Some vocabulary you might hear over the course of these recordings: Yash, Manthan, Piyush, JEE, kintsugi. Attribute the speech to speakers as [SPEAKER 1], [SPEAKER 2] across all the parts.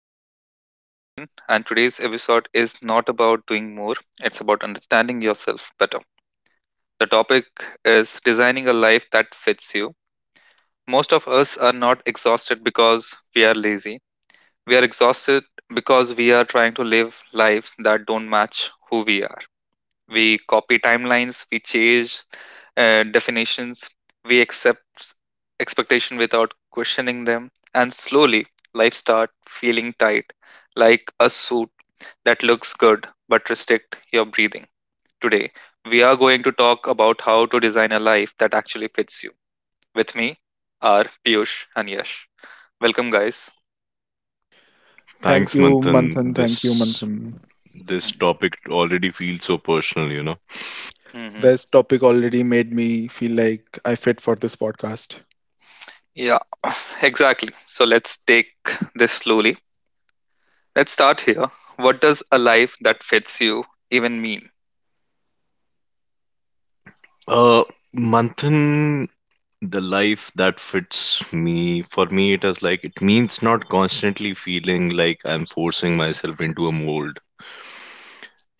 [SPEAKER 1] Podcast. I'm Manthan, and today's episode is not about doing more, it's about understanding yourself better. The topic is designing a life that fits you. Most of us are not exhausted because we are lazy, we are exhausted because we are trying to live lives that don't match who we are. We copy timelines, we change definitions, we accept expectation without questioning them, and slowly life start feeling tight, like a suit that looks good but restrict your breathing. Today, we are going to talk about how to design a life that actually fits you. With me are Piyush and Yash. Welcome, guys.
[SPEAKER 2] Thank
[SPEAKER 3] Thanks,
[SPEAKER 2] you,
[SPEAKER 3] Manthan.
[SPEAKER 2] Manthan. Thank you,
[SPEAKER 3] This
[SPEAKER 2] Manthan.
[SPEAKER 3] this topic already feels so personal, you know.
[SPEAKER 1] Mm-hmm.
[SPEAKER 2] This topic already made me feel like I fit for this podcast.
[SPEAKER 1] Yeah, exactly. So let's take this slowly. Let's start here. What does a life that fits you even mean?
[SPEAKER 3] Uh, Manthan, the life that fits me, for me, it is like it means not constantly feeling like I'm forcing myself into a mold,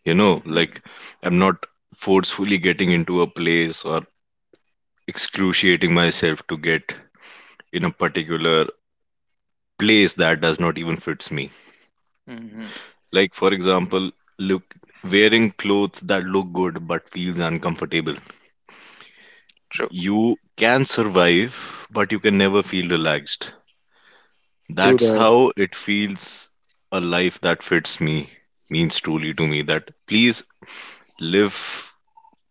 [SPEAKER 3] you know,
[SPEAKER 1] Mm-hmm.
[SPEAKER 3] like I'm not forcefully getting into a place or excruciating myself to get in a particular place that does not even fits me.
[SPEAKER 1] Mm-hmm.
[SPEAKER 3] Like, for example, look, wearing clothes that look good but feels uncomfortable.
[SPEAKER 1] True.
[SPEAKER 3] You can survive, but you can never feel relaxed.
[SPEAKER 2] True
[SPEAKER 3] That's
[SPEAKER 2] that.
[SPEAKER 3] how it feels a life that fits me, means truly to me that please live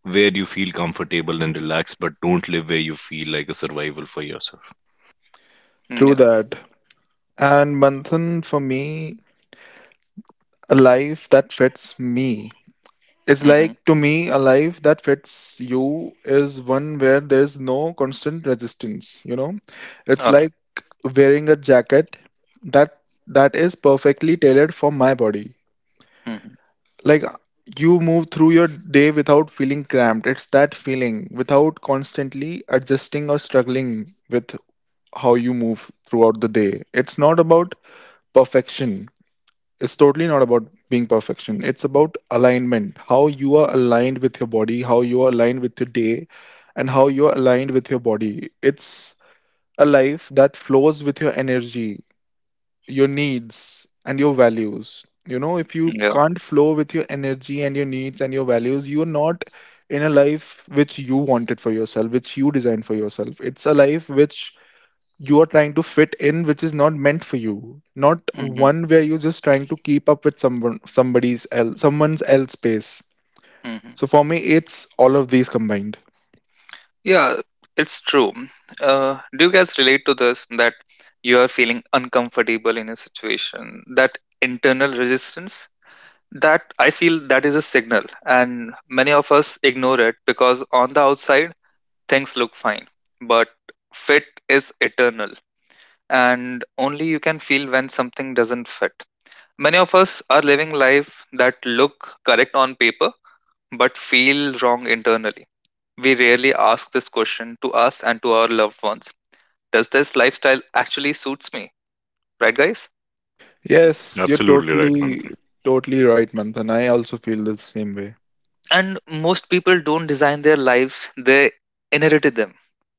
[SPEAKER 3] where you feel comfortable and relaxed, but don't live where you feel like a survival for yourself.
[SPEAKER 1] Mm,
[SPEAKER 2] True
[SPEAKER 1] yeah.
[SPEAKER 2] that. And Manthan, for me, a life that fits me. It's
[SPEAKER 1] Mm-hmm.
[SPEAKER 2] like to me, a life that fits you is one where there's no constant resistance, you know? It's
[SPEAKER 1] All right.
[SPEAKER 2] like wearing a jacket that that is perfectly tailored for my body.
[SPEAKER 1] Mm-hmm.
[SPEAKER 2] Like you move through your day without feeling cramped. It's that feeling without constantly adjusting or struggling with how you move throughout the day. It's not about perfection. It's totally not about being perfection. It's about alignment. How you are aligned with your body, how you are aligned with your day, and how you are aligned with your body. It's a life that flows with your energy, your needs and your values. You know, if you
[SPEAKER 1] Yeah.
[SPEAKER 2] can't flow with your energy and your needs and your values, you're not in a life which you wanted for yourself, which you designed for yourself. It's a life which you are trying to fit in, which is not meant for you. Not
[SPEAKER 1] Mm-hmm.
[SPEAKER 2] one where you're just trying to keep up with someone, somebody's else, someone's else pace.
[SPEAKER 1] Mm-hmm.
[SPEAKER 2] So for me, it's all of these combined.
[SPEAKER 1] Yeah. It's true. Do you guys relate to this that you are feeling uncomfortable in a situation? That internal resistance? That I feel that is a signal, and many of us ignore it because on the outside things look fine, but fit is eternal and only you can feel when something doesn't fit. Many of us are living life that look correct on paper but feel wrong internally. We rarely ask this question to us and to our loved ones. Does this lifestyle actually suits me? Right guys?
[SPEAKER 2] Yes, you're
[SPEAKER 3] Absolutely right,
[SPEAKER 2] totally,
[SPEAKER 3] Manthan.
[SPEAKER 2] totally right, Manthan. I also feel the same way.
[SPEAKER 1] And most people don't design their lives, they inherited them,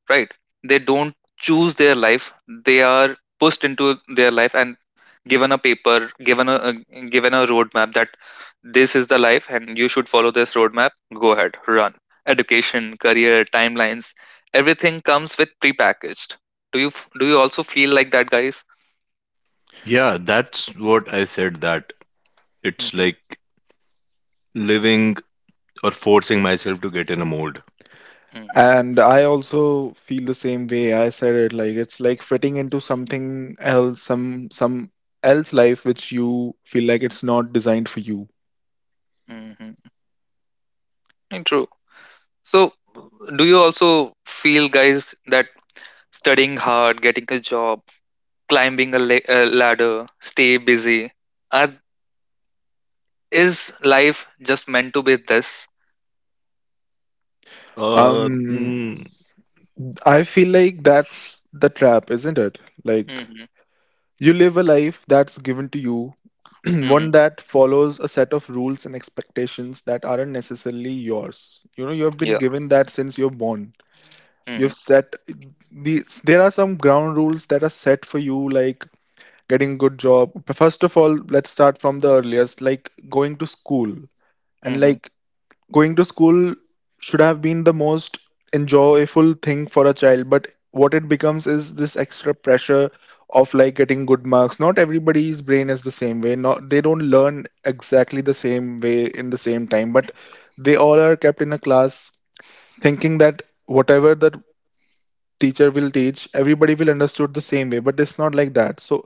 [SPEAKER 1] right? They don't choose their life, they are pushed into their life and given a paper, given given a roadmap that this is the life and you should follow this roadmap, go ahead, run. Education, career, timelines, everything comes with prepackaged. Do you also feel like that, guys?
[SPEAKER 3] Yeah, that's what I said that it's
[SPEAKER 1] Hmm.
[SPEAKER 3] like living or forcing myself to get in a mold.
[SPEAKER 1] Hmm.
[SPEAKER 2] And I also feel the same way. I said it like it's like fitting into something else, some else life which you feel like it's not designed for you.
[SPEAKER 1] Hmm. True. So, do you also feel, guys, that studying hard, getting a job, climbing a ladder, stay busy, are is life just meant to be this?
[SPEAKER 3] Uh,
[SPEAKER 2] Um,
[SPEAKER 3] mm,
[SPEAKER 2] I feel like that's the trap, isn't it? Like
[SPEAKER 1] Hmm.
[SPEAKER 2] you live a life that's given to you, one
[SPEAKER 1] Hmm.
[SPEAKER 2] that follows a set of rules and expectations that aren't necessarily yours. You know, you have been
[SPEAKER 1] Yeah.
[SPEAKER 2] given that since you're born.
[SPEAKER 1] Mm-hmm.
[SPEAKER 2] You've set these, there are some ground rules that are set for you, like getting a good job. First of all, let's start from the earliest, like going to school, and
[SPEAKER 1] Mhm.
[SPEAKER 2] like going to school should have been the most enjoyable thing for a child, but what it becomes is this extra pressure of like getting good marks. Not everybody's brain is the same way, not they don't learn exactly the same way in the same time, but they all are kept in a class thinking that whatever the teacher will teach, everybody will understood the same way, but it's not like that. So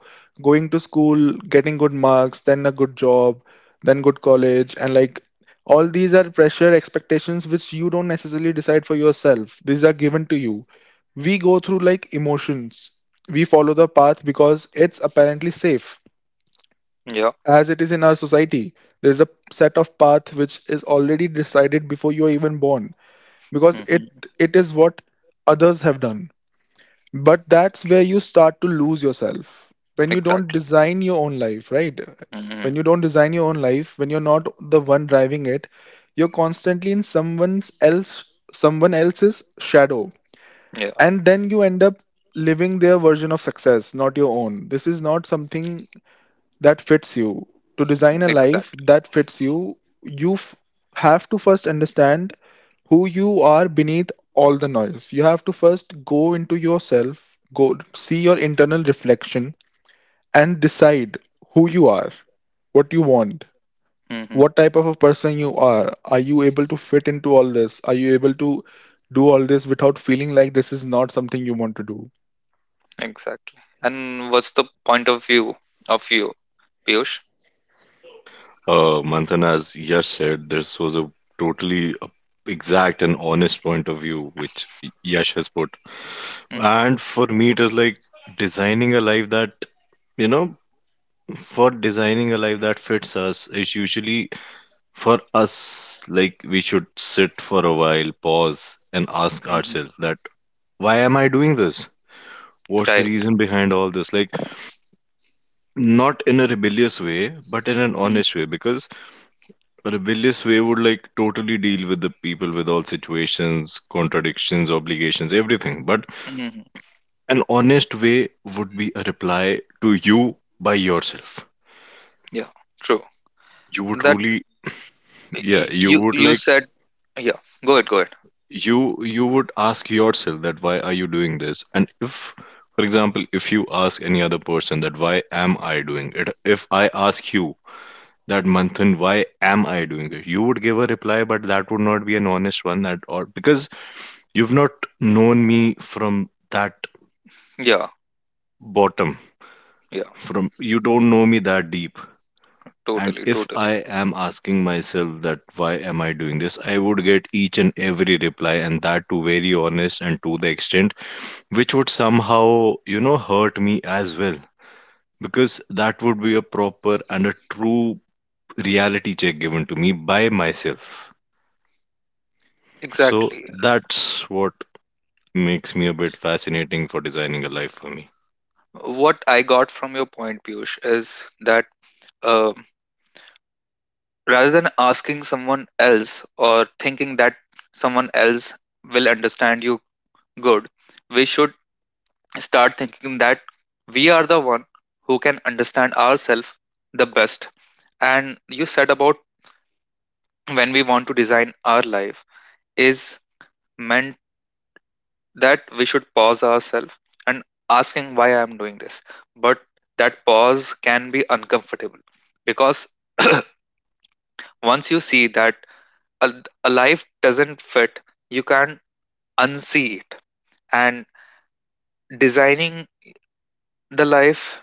[SPEAKER 2] going to school, getting good marks, then a good job, then good college, and like all these are pressure expectations which you don't necessarily decide for yourself. These are given to you. We go through like emotions, we follow the path because it's apparently safe,
[SPEAKER 1] Yeah.
[SPEAKER 2] as it is in our society. There's a set of path which is already decided before you are even born, because it
[SPEAKER 1] Mhm.
[SPEAKER 2] it is what others have done. But that's where you start to lose yourself. When you don't
[SPEAKER 1] Exactly.
[SPEAKER 2] design your own life, right? When
[SPEAKER 1] Mhm.
[SPEAKER 2] you don't design your own life, when you're not the one driving it, you're constantly in someone's else, someone else's shadow.
[SPEAKER 1] Yeah.
[SPEAKER 2] And then you end up living their version of success, not your own. This is not something that fits you. To design a life
[SPEAKER 1] Exactly.
[SPEAKER 2] that fits you, you f- have to first understand who you are beneath all the noise. You have to first go into yourself, go see your internal reflection, and decide who you are, what you want,
[SPEAKER 1] Mhm.
[SPEAKER 2] what type of a person you are. Are you able to fit into all this? Are you able to do all this without feeling like this is not something you want to do?
[SPEAKER 1] Exactly. And what's the point of view of you, Piyush?
[SPEAKER 3] Manthan, as Yash said, this was a totally exact and honest point of view which Yash has put.
[SPEAKER 1] Mm.
[SPEAKER 3] And for me, it is like designing a life that, you know, for designing a life that fits us is usually for us, like we should sit for a while, pause, and ask
[SPEAKER 1] Mhm.
[SPEAKER 3] ourselves that, why am I doing this? What's the
[SPEAKER 1] Right.
[SPEAKER 3] reason behind all this? Like, not in a rebellious way, but in an
[SPEAKER 1] Mm.
[SPEAKER 3] honest way, because a rebellious way would like totally deal with the people with all situations, contradictions, obligations, everything. But
[SPEAKER 1] Mhm.
[SPEAKER 3] an honest way would be a reply to you by yourself.
[SPEAKER 1] Yeah. True.
[SPEAKER 3] You would
[SPEAKER 1] That
[SPEAKER 3] truly, yeah, you
[SPEAKER 1] you
[SPEAKER 3] would
[SPEAKER 1] you
[SPEAKER 3] like
[SPEAKER 1] said. Yeah. Go ahead. Go ahead.
[SPEAKER 3] you would ask yourself that why are you doing this? And if, for example, if you ask any other person that why am I doing it? If I ask you that Manthan, why am I doing it? You would give a reply, but that would not be an honest one at all because you've not known me from that
[SPEAKER 1] Yeah.
[SPEAKER 3] bottom.
[SPEAKER 1] Yeah.
[SPEAKER 3] From you don't know me that deep. And
[SPEAKER 1] Totally.
[SPEAKER 3] if
[SPEAKER 1] Totally.
[SPEAKER 3] I am asking myself that why am I doing this, I would get each and every reply, and that to very honest and to the extent which would somehow, you know, hurt me as well. Because that would be a proper and a true reality check given to me by myself. So
[SPEAKER 1] Exactly.
[SPEAKER 3] that's what makes me a bit fascinating for designing a life for me.
[SPEAKER 1] What I got from your point, Piyush, is that um rather than asking someone else or thinking that someone else will understand you good, we should start thinking that we are the one who can understand ourselves the best. And you said about when we want to design our life is meant that we should pause ourselves and asking why I am doing this. But that pause can be uncomfortable because once you see that a, a life doesn't fit, you can't unsee it. And designing the life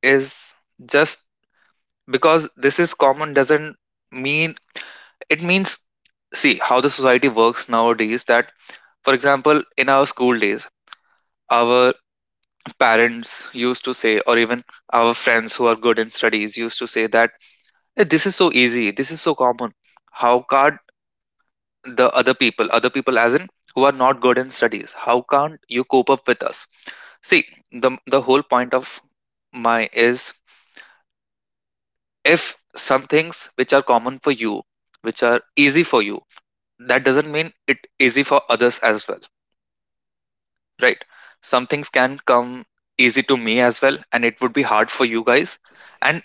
[SPEAKER 1] is just because this is common doesn't mean it means see how the society works nowadays that for example in our school days our parents used to say or even our friends who are good in studies used to say that, "Eh, this is so easy, this is so common, how can't the other people, other people as in who are not good in studies, how can't you cope up with us?" See, the whole point of my is, if some things which are common for you, which are easy for you, that doesn't mean it easy for others as well, right? Some things can come easy to me as well and it would be hard for you guys, and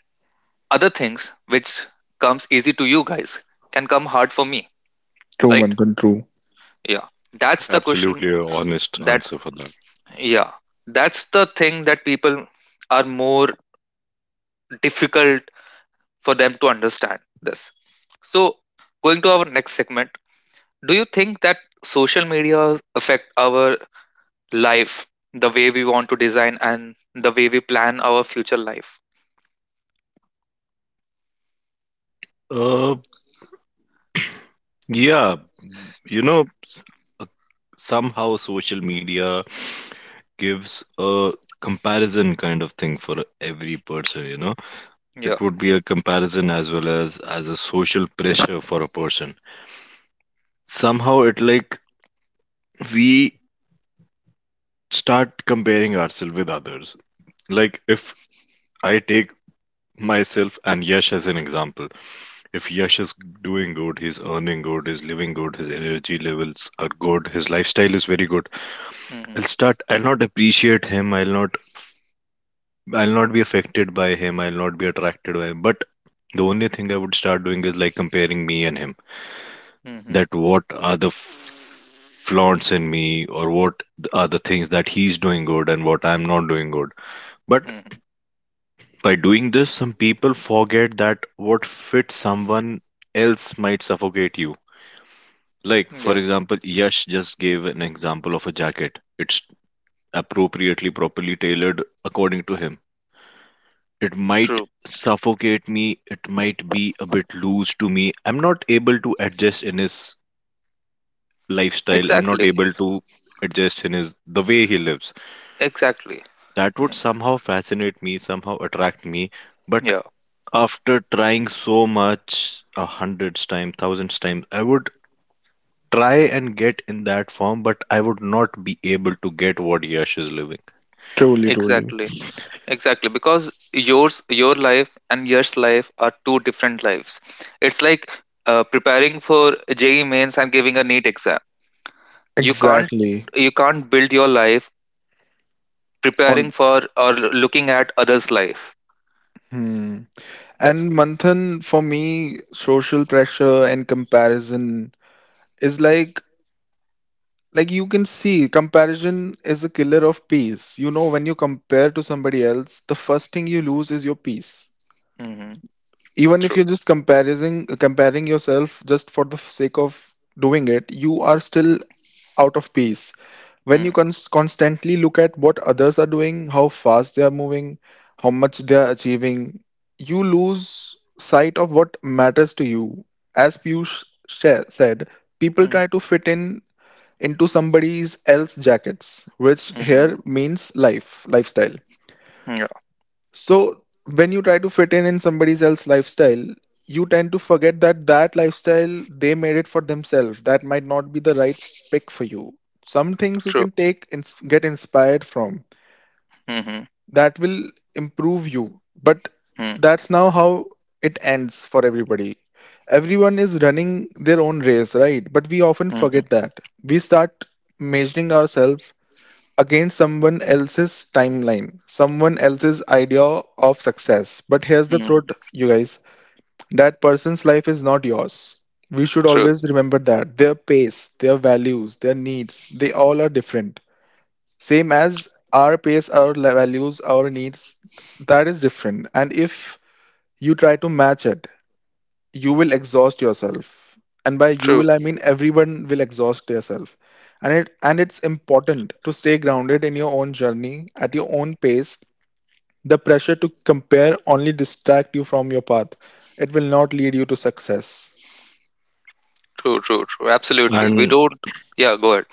[SPEAKER 1] other things which comes easy to you guys can come hard for me,
[SPEAKER 2] True,
[SPEAKER 1] right?
[SPEAKER 2] Manthan, true.
[SPEAKER 1] Yeah, that's the question.
[SPEAKER 3] Absolutely a honest
[SPEAKER 1] That,
[SPEAKER 3] answer for that.
[SPEAKER 1] yeah, that's the thing that people are more difficult for them to understand this. So, going to our next segment, do you think that social media affect our life, the way we want to design and the way we plan our future life?
[SPEAKER 3] Uh, yeah, you know, uh, somehow social media gives a comparison kind of thing for every person, you know. It
[SPEAKER 1] Yeah.
[SPEAKER 3] would be a comparison as well as a social pressure for a person. Somehow it like we start comparing ourselves with others. Like if I take myself and Yash as an example. If Yash is doing good, he's earning good, he's living good, his energy levels are good, his lifestyle is very good.
[SPEAKER 1] Mm-hmm.
[SPEAKER 3] I'll not appreciate him, I'll not be affected by him, I'll not be attracted by him. But the only thing I would start doing is like comparing me and him.
[SPEAKER 1] Mm-hmm.
[SPEAKER 3] That what are the flaws in me or what are the things that he's doing good and what I'm not doing good. But
[SPEAKER 1] Mm-hmm.
[SPEAKER 3] by doing this, some people forget that what fits someone else might suffocate you. Like, for
[SPEAKER 1] Yes.
[SPEAKER 3] example, Yash just gave an example of a jacket. It's appropriately, properly tailored according to him. It might
[SPEAKER 1] True.
[SPEAKER 3] suffocate me, it might be a bit loose to me. I'm not able to adjust in his lifestyle, I'm not
[SPEAKER 1] Exactly.
[SPEAKER 3] able to adjust in his the way he lives.
[SPEAKER 1] Exactly.
[SPEAKER 3] That would somehow fascinate me, somehow attract me, but
[SPEAKER 1] Yeah.
[SPEAKER 3] after trying so much, a hundreds times, thousands times, I would try and get in that form, but I would not be able to get what Yash is living.
[SPEAKER 2] Truly, truly.
[SPEAKER 1] Exactly. Exactly. Because yours, your life, and yours life are two different lives. It's like preparing for JEE mains and giving a neat exam. You can't.
[SPEAKER 2] Exactly.
[SPEAKER 1] You can't build your life preparing
[SPEAKER 2] On
[SPEAKER 1] for or looking at others' life.
[SPEAKER 2] hmm.
[SPEAKER 1] That's.
[SPEAKER 2] And Manthan, for me, social pressure and comparison is like you can see, comparison is a killer of peace, you know. When you compare to somebody else, the first thing you lose is your peace.
[SPEAKER 1] Mm-hmm.
[SPEAKER 2] Even if
[SPEAKER 1] True.
[SPEAKER 2] you're just comparing yourself just for the sake of doing it, you are still out of peace. When you
[SPEAKER 1] Mm-hmm.
[SPEAKER 2] constantly look at what others are doing, how fast they are moving, how much they are achieving, you lose sight of what matters to you. As said, people try to fit in into somebody's else jackets, which
[SPEAKER 1] Mm-hmm.
[SPEAKER 2] here means life, lifestyle.
[SPEAKER 1] Yeah,
[SPEAKER 2] So when you try to fit in somebody's else lifestyle, you tend to forget that that lifestyle they made it for themselves. That might not be the right pick for you. Some things you
[SPEAKER 1] true.
[SPEAKER 2] can take and get inspired from
[SPEAKER 1] Mm-hmm.
[SPEAKER 2] that will improve you, but
[SPEAKER 1] Mm-hmm.
[SPEAKER 2] that's now how it ends for everybody. Everyone is running their own race, right? But we often
[SPEAKER 1] Mm-hmm.
[SPEAKER 2] forget that. We start measuring ourselves against someone else's timeline, someone else's idea of success. But here's the truth,
[SPEAKER 1] Mm-hmm.
[SPEAKER 2] you guys, that person's life is not yours. We should
[SPEAKER 1] True.
[SPEAKER 2] always remember that their pace, their values, their needs, they all are different. Same as our pace, values, our needs, that is different. And if you try to match it, you will exhaust yourself, and by you
[SPEAKER 1] True.
[SPEAKER 2] will I mean everyone will exhaust yourself. And it's important to stay grounded in your own journey at your own pace. The pressure to compare only distract you from your path. It will not lead you to success.
[SPEAKER 1] True. True. True. Absolutely. We
[SPEAKER 3] And
[SPEAKER 1] don't. Yeah. Go ahead.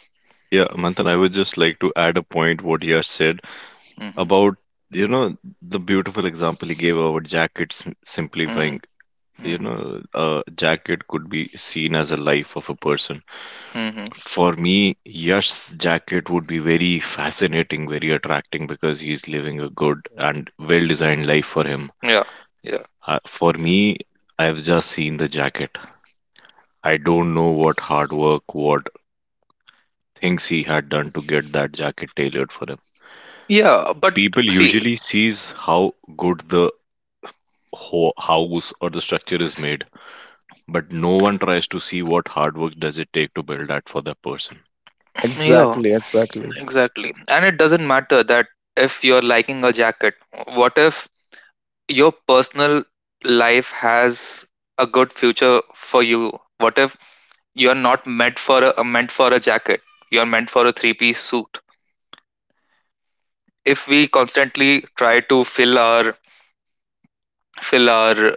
[SPEAKER 3] yeah, Manthan, I would just like to add a point what Yash said
[SPEAKER 1] Mm-hmm.
[SPEAKER 3] about, you know, the beautiful example he gave about jackets
[SPEAKER 1] Mm-hmm.
[SPEAKER 3] simplifying. You
[SPEAKER 1] Mm-hmm.
[SPEAKER 3] know, a jacket could be seen as a life of a person.
[SPEAKER 1] Mm-hmm.
[SPEAKER 3] For me, Yash's jacket would be very fascinating, very attracting because he's living a good and well designed life for him.
[SPEAKER 1] Yeah. Yeah.
[SPEAKER 3] For me, I've just seen the jacket. I don't know what hard work, what things he had done to get that jacket tailored for him.
[SPEAKER 1] Yeah. But
[SPEAKER 3] People
[SPEAKER 1] see.
[SPEAKER 3] usually sees how good the house or the structure is made, but no one tries to see what hard work does it take to build that for that person.
[SPEAKER 1] Yeah.
[SPEAKER 2] Exactly, exactly.
[SPEAKER 1] Exactly. And it doesn't matter that if you're liking a jacket. What if your personal life has a good future for you? What if you're not meant for a meant for a jacket? You're meant for a three-piece suit. If we constantly try to fill our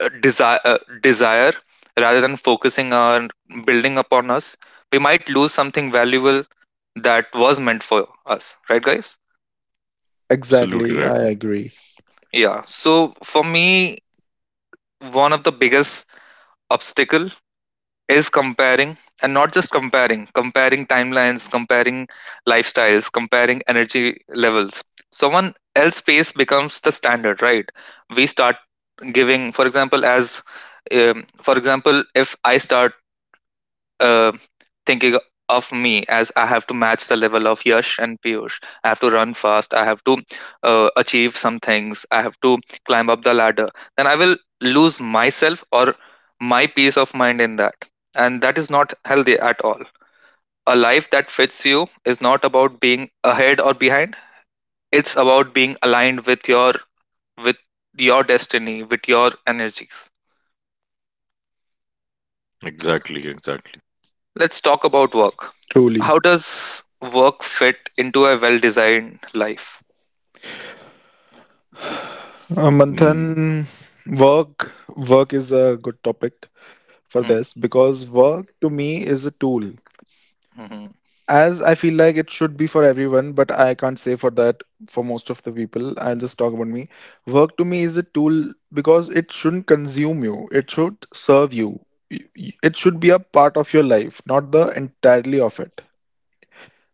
[SPEAKER 1] desire desire rather than focusing on building upon us, we might lose something valuable that was meant for us, right guys?
[SPEAKER 3] Absolutely
[SPEAKER 2] Exactly,
[SPEAKER 3] right,
[SPEAKER 2] I
[SPEAKER 3] man.
[SPEAKER 2] agree.
[SPEAKER 1] Yeah, so for me, one of the biggest obstacle is comparing, and not just comparing timelines, comparing lifestyles, comparing energy levels, someone else pace becomes the standard, right? We start giving, for example, as for example, if I start uh, thinking of me as I have to match the level of Yash and Piyush. I have to run fast. I have to achieve some things. I have to climb up the ladder. Then I will lose myself or my peace of mind in that. And that is not healthy at all. A life that fits you is not about being ahead or behind. It's about being aligned with your destiny, with your energies.
[SPEAKER 3] Exactly, exactly.
[SPEAKER 1] Let's talk about work.
[SPEAKER 2] Truly.
[SPEAKER 1] How does work fit into a well designed life?
[SPEAKER 2] Manthan,
[SPEAKER 3] Mm,
[SPEAKER 2] work is a good topic for
[SPEAKER 1] Mm,
[SPEAKER 2] this, because work to me is a tool,
[SPEAKER 1] mhm.
[SPEAKER 2] as I feel like it should be for everyone, but I can't say for that for most of the people. I'll just talk about me. Work to me is a tool because it shouldn't consume you, it should serve you. It should be a part of your life, not the entirely of it.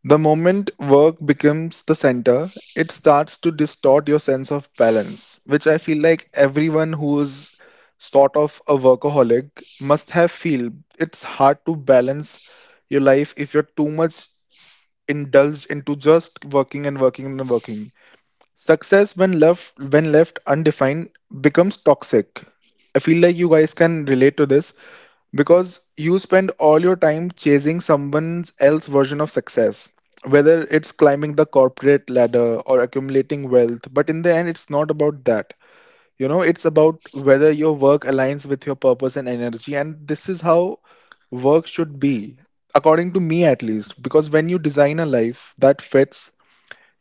[SPEAKER 2] The moment work becomes the center, it starts to distort your sense of balance, which I feel like everyone who's sort of a workaholic must have feel. It's hard to balance your life if you're too much indulged into just working and working and working. Success when left undefined becomes toxic. I feel like you guys can relate to this because you spend all your time chasing someone else's version of success, whether it's climbing the corporate ladder or accumulating wealth, but in the end it's not about that. You know, it's about whether your work aligns with your purpose and energy, and this is how work should be, according to me at least. Because when you design a life that fits,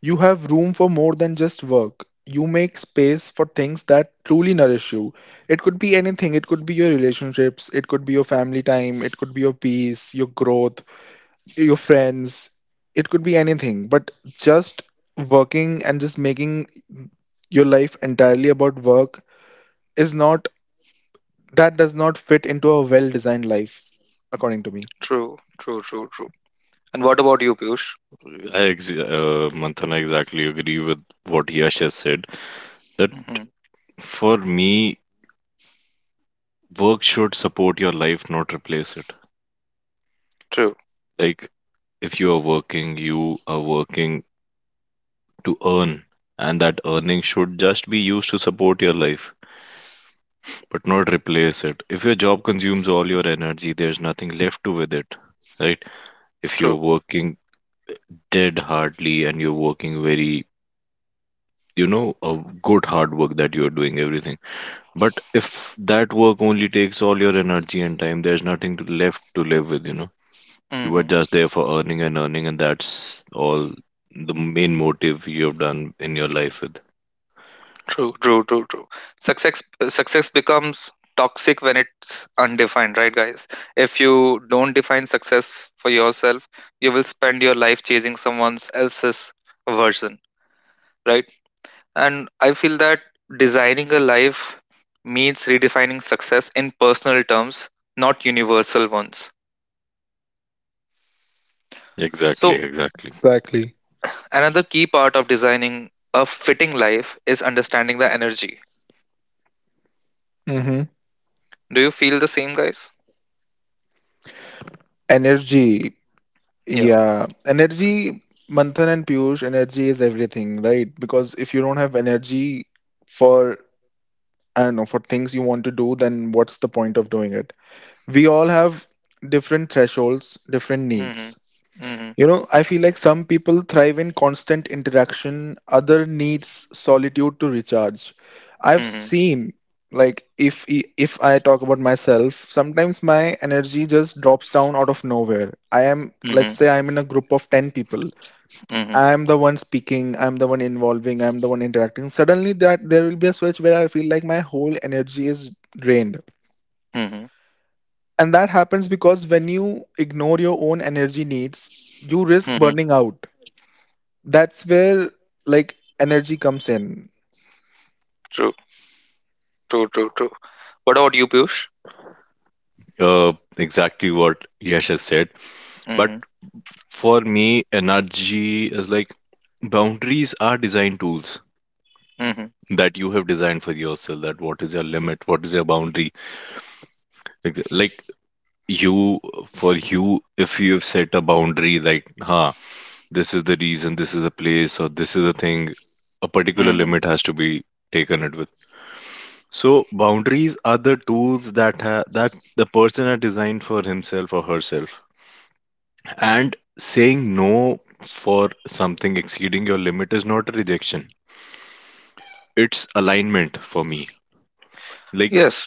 [SPEAKER 2] you have room for more than just work. You make space for things that truly nourish you. It could be anything. It could be your relationships, it could be your family time, it could be your peace, your growth, your friends, it could be anything. But just working and just making your life entirely about work is not, that does not fit into a well designed life, according to me.
[SPEAKER 1] True, true, true, true. And what about you, Piyush?
[SPEAKER 3] Manthan, I exactly agree with what Yash has said. That
[SPEAKER 1] Hmm.
[SPEAKER 3] for me, work should support your life, not replace it.
[SPEAKER 1] True,
[SPEAKER 3] Like, if you are working, you are working to earn, and that earning should just be used to support your life, but not replace it. If your job consumes all your energy, there's nothing left to with it, right? If you're
[SPEAKER 1] true.
[SPEAKER 3] working dead hardly and you're working very, you know, a good hard work that you're doing everything, but if that work only takes all your energy and time, there's nothing to left to live with, you know. You are
[SPEAKER 1] Hmm.
[SPEAKER 3] just there for earning and earning, and that's all the main motive you have done in your life with.
[SPEAKER 1] True, true, true, true. Success, success becomes toxic when it's undefined, right, guys? If you don't define success for yourself, you will spend your life chasing someone else's version, right? And I feel that designing a life means redefining success in personal terms, not universal ones.
[SPEAKER 3] Exactly,
[SPEAKER 1] So,
[SPEAKER 3] exactly.
[SPEAKER 2] Exactly.
[SPEAKER 1] another key part of designing a fitting life is understanding the energy.
[SPEAKER 2] Hmm.
[SPEAKER 1] Do you feel the same, guys?
[SPEAKER 2] Energy.
[SPEAKER 1] Yeah.
[SPEAKER 2] Yeah. Energy, Manthan and Piyush, energy is everything, right? Because if you don't have energy for, I don't know, for things you want to do, then what's the point of doing it? We all have different thresholds, different needs.
[SPEAKER 1] Mm-hmm. Mm-hmm.
[SPEAKER 2] You know, I feel like some people thrive in constant interaction, other needs solitude to recharge. I've
[SPEAKER 1] Mm-hmm.
[SPEAKER 2] seen, like, if I talk about myself, sometimes my energy just drops down out of nowhere. I am,
[SPEAKER 1] Mm-hmm.
[SPEAKER 2] let's say I'm in a group of 10 people.
[SPEAKER 1] Mm-hmm.
[SPEAKER 2] I am the one speaking, I'm the one involving, I'm the one interacting. Suddenly that there will be a switch where I feel like my whole energy is drained.
[SPEAKER 1] Mm-hmm.
[SPEAKER 2] And that happens because when you ignore your own energy needs, you risk
[SPEAKER 1] Mm-hmm.
[SPEAKER 2] burning out. That's where like energy comes in.
[SPEAKER 1] True. True. True. True. What about you, Piyush?
[SPEAKER 3] Exactly what Yash has said. But
[SPEAKER 1] Mm-hmm.
[SPEAKER 3] for me, energy is like boundaries are design tools
[SPEAKER 1] Mm-hmm.
[SPEAKER 3] that you have designed for yourself. That what is your limit, what is your boundary. Like, you for you if you've set a boundary like huh, this is the reason, this is the place, or this is the thing, a particular
[SPEAKER 1] Mm-hmm.
[SPEAKER 3] limit has to be taken it with. So boundaries are the tools that that the person has designed for himself or herself, and saying no for something exceeding your limit is not a rejection, it's alignment for me. Like,
[SPEAKER 1] Yes.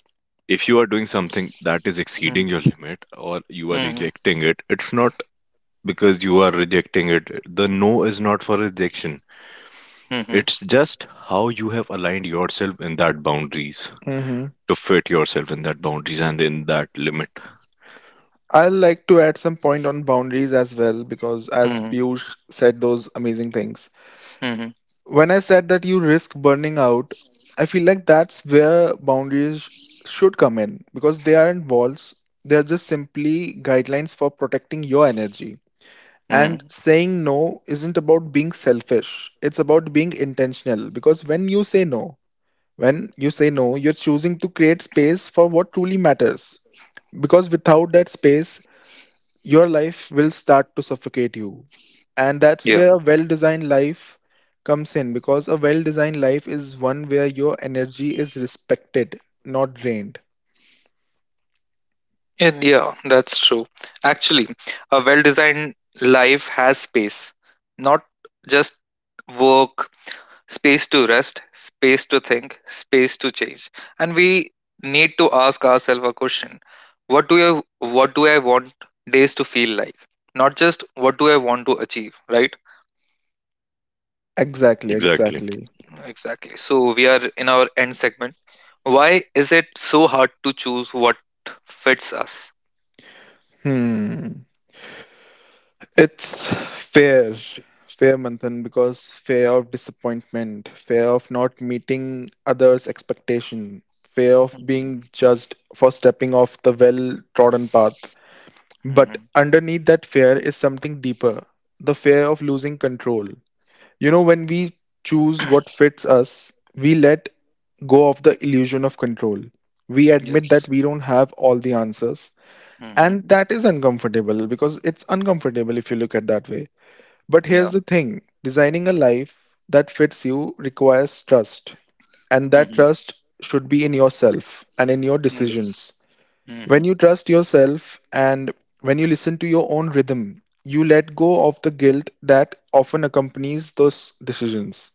[SPEAKER 3] if you are doing something that is
[SPEAKER 1] Mm-hmm.
[SPEAKER 3] exceeding your limit or you are
[SPEAKER 1] Mm-hmm.
[SPEAKER 3] rejecting it, it's not because you are rejecting it. The no is not for rejection.
[SPEAKER 1] Mm-hmm.
[SPEAKER 3] It's just how you have aligned yourself in that boundaries
[SPEAKER 2] Hmm.
[SPEAKER 3] to fit yourself in that boundaries and in that limit.
[SPEAKER 2] I like to add some point on boundaries as well, because as
[SPEAKER 1] Mm-hmm.
[SPEAKER 2] Piyush said those amazing things.
[SPEAKER 1] Mm-hmm.
[SPEAKER 2] When I said that you risk burning out, I feel like that's where boundaries should come in, because they aren't walls, they are just simply guidelines for protecting your energy. And
[SPEAKER 1] Mm-hmm.
[SPEAKER 2] saying no isn't about being selfish, it's about being intentional, because when you say no, you're choosing to create space for what truly matters. Because without that space, your life will start to suffocate you. And that's
[SPEAKER 1] Yeah.
[SPEAKER 2] where a well designed life comes in. Because a well designed life is one where your energy is respected, not drained.
[SPEAKER 1] And yeah, that's true. Actually, a well-designed life has space, not just work, space to rest, space to think, space to change. And we need to ask ourselves a question. What do I want days to feel like? Not just what do I want to achieve, right?
[SPEAKER 2] Exactly,
[SPEAKER 3] Exactly.
[SPEAKER 2] exactly.
[SPEAKER 1] Exactly. So we are in our end segment. Why is it so hard to choose what fits us?
[SPEAKER 2] Hmm. It's fear, fear, Manthan, because fear of disappointment, fear of not meeting others' expectation, fear of
[SPEAKER 1] Mhm.
[SPEAKER 2] being judged for stepping off the well-trodden path. But
[SPEAKER 1] Mhm.
[SPEAKER 2] underneath that fear is something deeper, the fear of losing control. You know, when we choose what fits us, we let go of the illusion of control. We admit that
[SPEAKER 1] Yes.
[SPEAKER 2] we don't have all the answers.
[SPEAKER 1] Hmm.
[SPEAKER 2] And that is uncomfortable because it's uncomfortable if you look at that way. But
[SPEAKER 1] Yeah.
[SPEAKER 2] here's the thing, designing a life that fits you requires trust, and that
[SPEAKER 1] Hmm.
[SPEAKER 2] trust should be in yourself and in your
[SPEAKER 1] Yes.
[SPEAKER 2] decisions. When
[SPEAKER 1] Hmm.
[SPEAKER 2] you trust yourself and when you listen to your own rhythm, you let go of the guilt that often accompanies those decisions.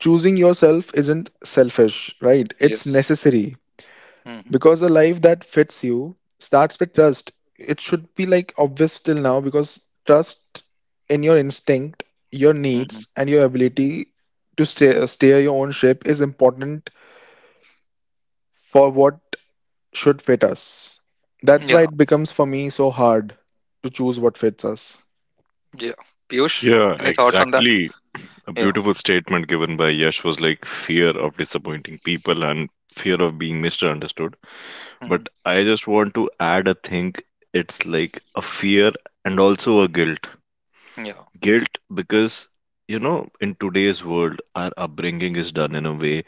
[SPEAKER 2] Choosing yourself isn't selfish, right? It's
[SPEAKER 1] Yes.
[SPEAKER 2] necessary,
[SPEAKER 1] Hmm.
[SPEAKER 2] because a life that fits you starts with trust. It should be like obvious till now, because trust in your instinct, your needs
[SPEAKER 1] Hmm.
[SPEAKER 2] and your ability to steer your own ship is important for what should fit us. That's why
[SPEAKER 1] Yeah.
[SPEAKER 2] it becomes for me so hard to choose what fits us.
[SPEAKER 1] Yeah. Piyush,
[SPEAKER 3] Yeah,
[SPEAKER 1] any thoughts on that?
[SPEAKER 3] exactly. A
[SPEAKER 1] Yeah.
[SPEAKER 3] beautiful statement given by Yash was like fear of disappointing people and fear of being misunderstood.
[SPEAKER 1] Mhm.
[SPEAKER 3] But I just want to add a thing. It's like a fear and also a guilt
[SPEAKER 1] Yeah.
[SPEAKER 3] guilt because you know in today's world our upbringing is done in a way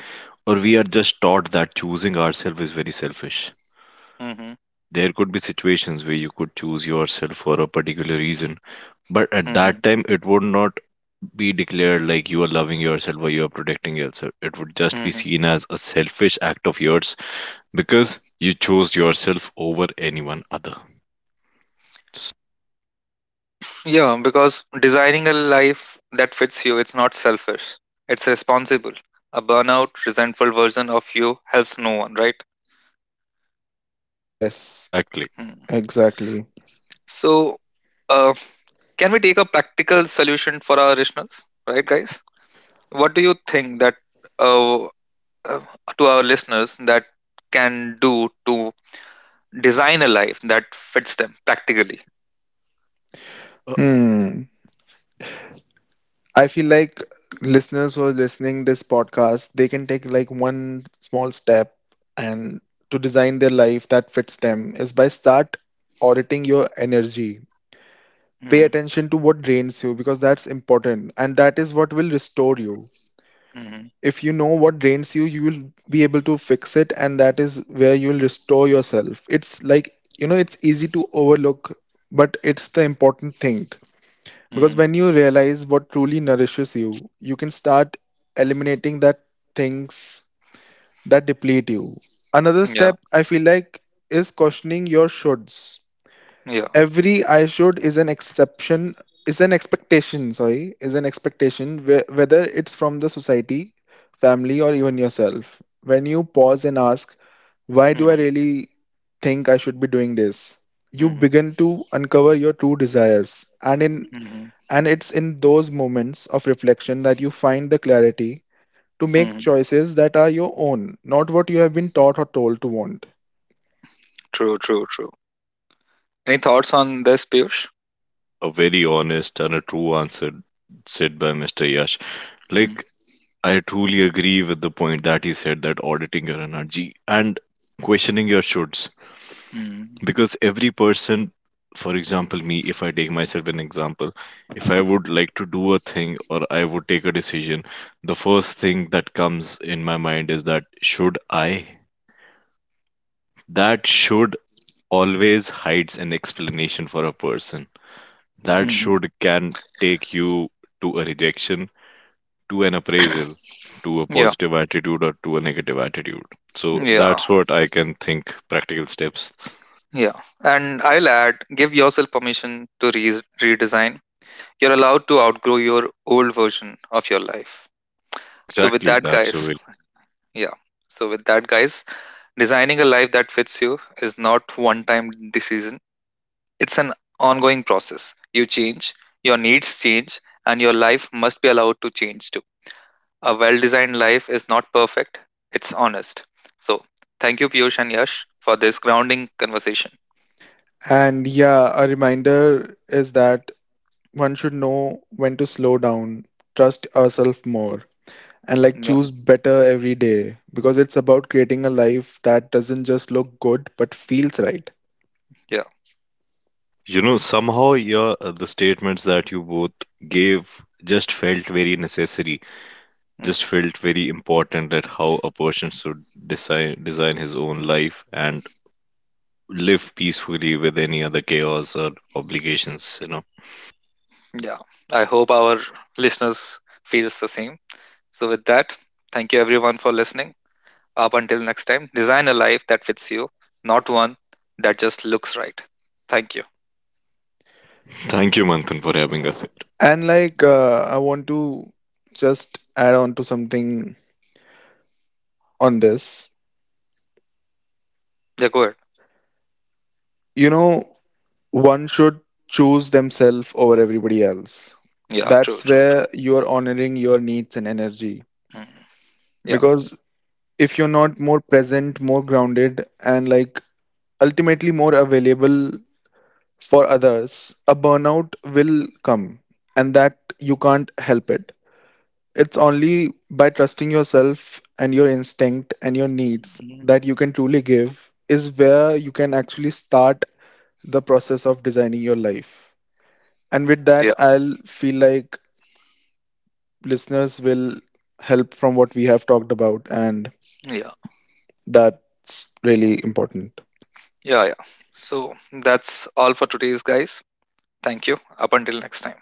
[SPEAKER 3] or we are just taught that choosing ourselves is very selfish.
[SPEAKER 1] Hmm.
[SPEAKER 3] There could be situations where you could choose yourself for a particular reason, but at
[SPEAKER 1] Hmm.
[SPEAKER 3] that time it would not be declared like you are loving yourself or you are protecting yourself, it would just be
[SPEAKER 1] Hmm.
[SPEAKER 3] seen as a selfish act of yours because you chose yourself over anyone other.
[SPEAKER 1] Yeah, because designing a life that fits you, it's not selfish. It's responsible. A burnout, resentful version of you helps no one, right?
[SPEAKER 2] Yes,
[SPEAKER 3] Exactly.
[SPEAKER 1] Hmm.
[SPEAKER 2] exactly.
[SPEAKER 1] So, uh, can we take a practical solution for our listeners, right, guys? What do you think that uh, uh, to our listeners that can do to design a life that fits them practically?
[SPEAKER 3] A
[SPEAKER 2] Hmm. I feel like listeners who are listening this podcast, they can take like one small step, and to design their life that fits them is by start auditing your energy. Pay
[SPEAKER 1] Hmm.
[SPEAKER 2] attention to what drains you, because that's important and that is what will restore you.
[SPEAKER 1] Hmm.
[SPEAKER 2] If you know what drains you, you will be able to fix it and that is where you will restore yourself. It's like, you know, it's easy to overlook, but it's the important thing. Because
[SPEAKER 1] Hmm.
[SPEAKER 2] when you realize what truly nourishes you, you can start eliminating that things that deplete you. Another
[SPEAKER 1] Yeah.
[SPEAKER 2] step I feel like is questioning your shoulds.
[SPEAKER 1] Yeah.
[SPEAKER 2] Every I should is an exception, is an expectation, sorry, is an expectation, whether it's from the society, family, or even yourself. When you pause and ask, why do I
[SPEAKER 1] Hmm.
[SPEAKER 2] really think I should be doing this? You
[SPEAKER 1] Hmm.
[SPEAKER 2] begin to uncover your true desires. And in
[SPEAKER 1] Mhm,
[SPEAKER 2] and it's in those moments of reflection that you find the clarity to make
[SPEAKER 1] mhm.
[SPEAKER 2] choices that are your own, not what you have been taught or told to want.
[SPEAKER 1] True, true, true. Any thoughts
[SPEAKER 3] very
[SPEAKER 1] on this, Piyush?
[SPEAKER 3] ""A very honest and a true answer," said by Mr. Yash.
[SPEAKER 1] Mm,
[SPEAKER 3] Like, I truly agree with the point that he said that auditing your energy and questioning your shoulds.
[SPEAKER 1] mm,
[SPEAKER 3] Because every person, for example, me, if I take myself an example, if I would like to do a thing or I would take a decision, the first thing that comes in my mind is that should I? That should always hides an explanation for a person. That
[SPEAKER 1] mhm.
[SPEAKER 3] should can take you to a rejection, to an appraisal, to a
[SPEAKER 1] Yeah,
[SPEAKER 3] positive attitude or to a negative attitude. So
[SPEAKER 1] yeah,
[SPEAKER 3] that's what I can think practical steps.
[SPEAKER 1] yeah. And I'll add, give yourself permission to redesign. You're allowed to outgrow your old version of your life. So with
[SPEAKER 3] Exactly,
[SPEAKER 1] that,
[SPEAKER 3] that's a
[SPEAKER 1] guys,
[SPEAKER 3] way.
[SPEAKER 1] yeah. So with that, guys, designing a life that fits you is not one-time decision. It's an ongoing process. You change, your needs change, and your life must be allowed to change too. A well designed life is not perfect, it's honest. So, thank you, Piyush and Yash, for this grounding conversation.
[SPEAKER 2] And yeah, a reminder is that one should know when to slow down, trust ourselves more, and like
[SPEAKER 1] Yeah,
[SPEAKER 2] choose better every day, because it's about creating a life that doesn't just look good but feels right.
[SPEAKER 1] yeah,
[SPEAKER 3] You know, somehow your the statements that you both gave just felt very necessary, just
[SPEAKER 1] mhm,
[SPEAKER 3] felt very important at how a person should design his own life and live peacefully with any other chaos or obligations, you know.
[SPEAKER 1] yeah. I hope our listeners feels the same. So, with that, thank you everyone for listening. Up until next time, design a life that fits you, not one that just looks right. Thank you.
[SPEAKER 3] Thank you, Manthan, for having us here.
[SPEAKER 2] And like, I want to just add on to something on this.
[SPEAKER 1] Yeah, go ahead.
[SPEAKER 2] You know, one should choose themselves over everybody else.
[SPEAKER 1] Yeah, true,
[SPEAKER 2] That's
[SPEAKER 1] true, true.
[SPEAKER 2] where you are honoring your needs and energy.
[SPEAKER 1] Mhm, yeah,
[SPEAKER 2] Because if you're not more present, more grounded, and like ultimately more available for others, a burnout will come and that you can't help it. It's only by trusting yourself and your instinct and your needs
[SPEAKER 1] mhm,
[SPEAKER 2] that you can truly give, is where you can actually start the process of designing your life. And with that,
[SPEAKER 1] yeah,
[SPEAKER 2] I'll feel like listeners will help from what we have talked about, and
[SPEAKER 1] yeah, yeah,
[SPEAKER 2] that's really important.
[SPEAKER 1] yeah. So, that's all for today's guys. Thank you. Up until next time.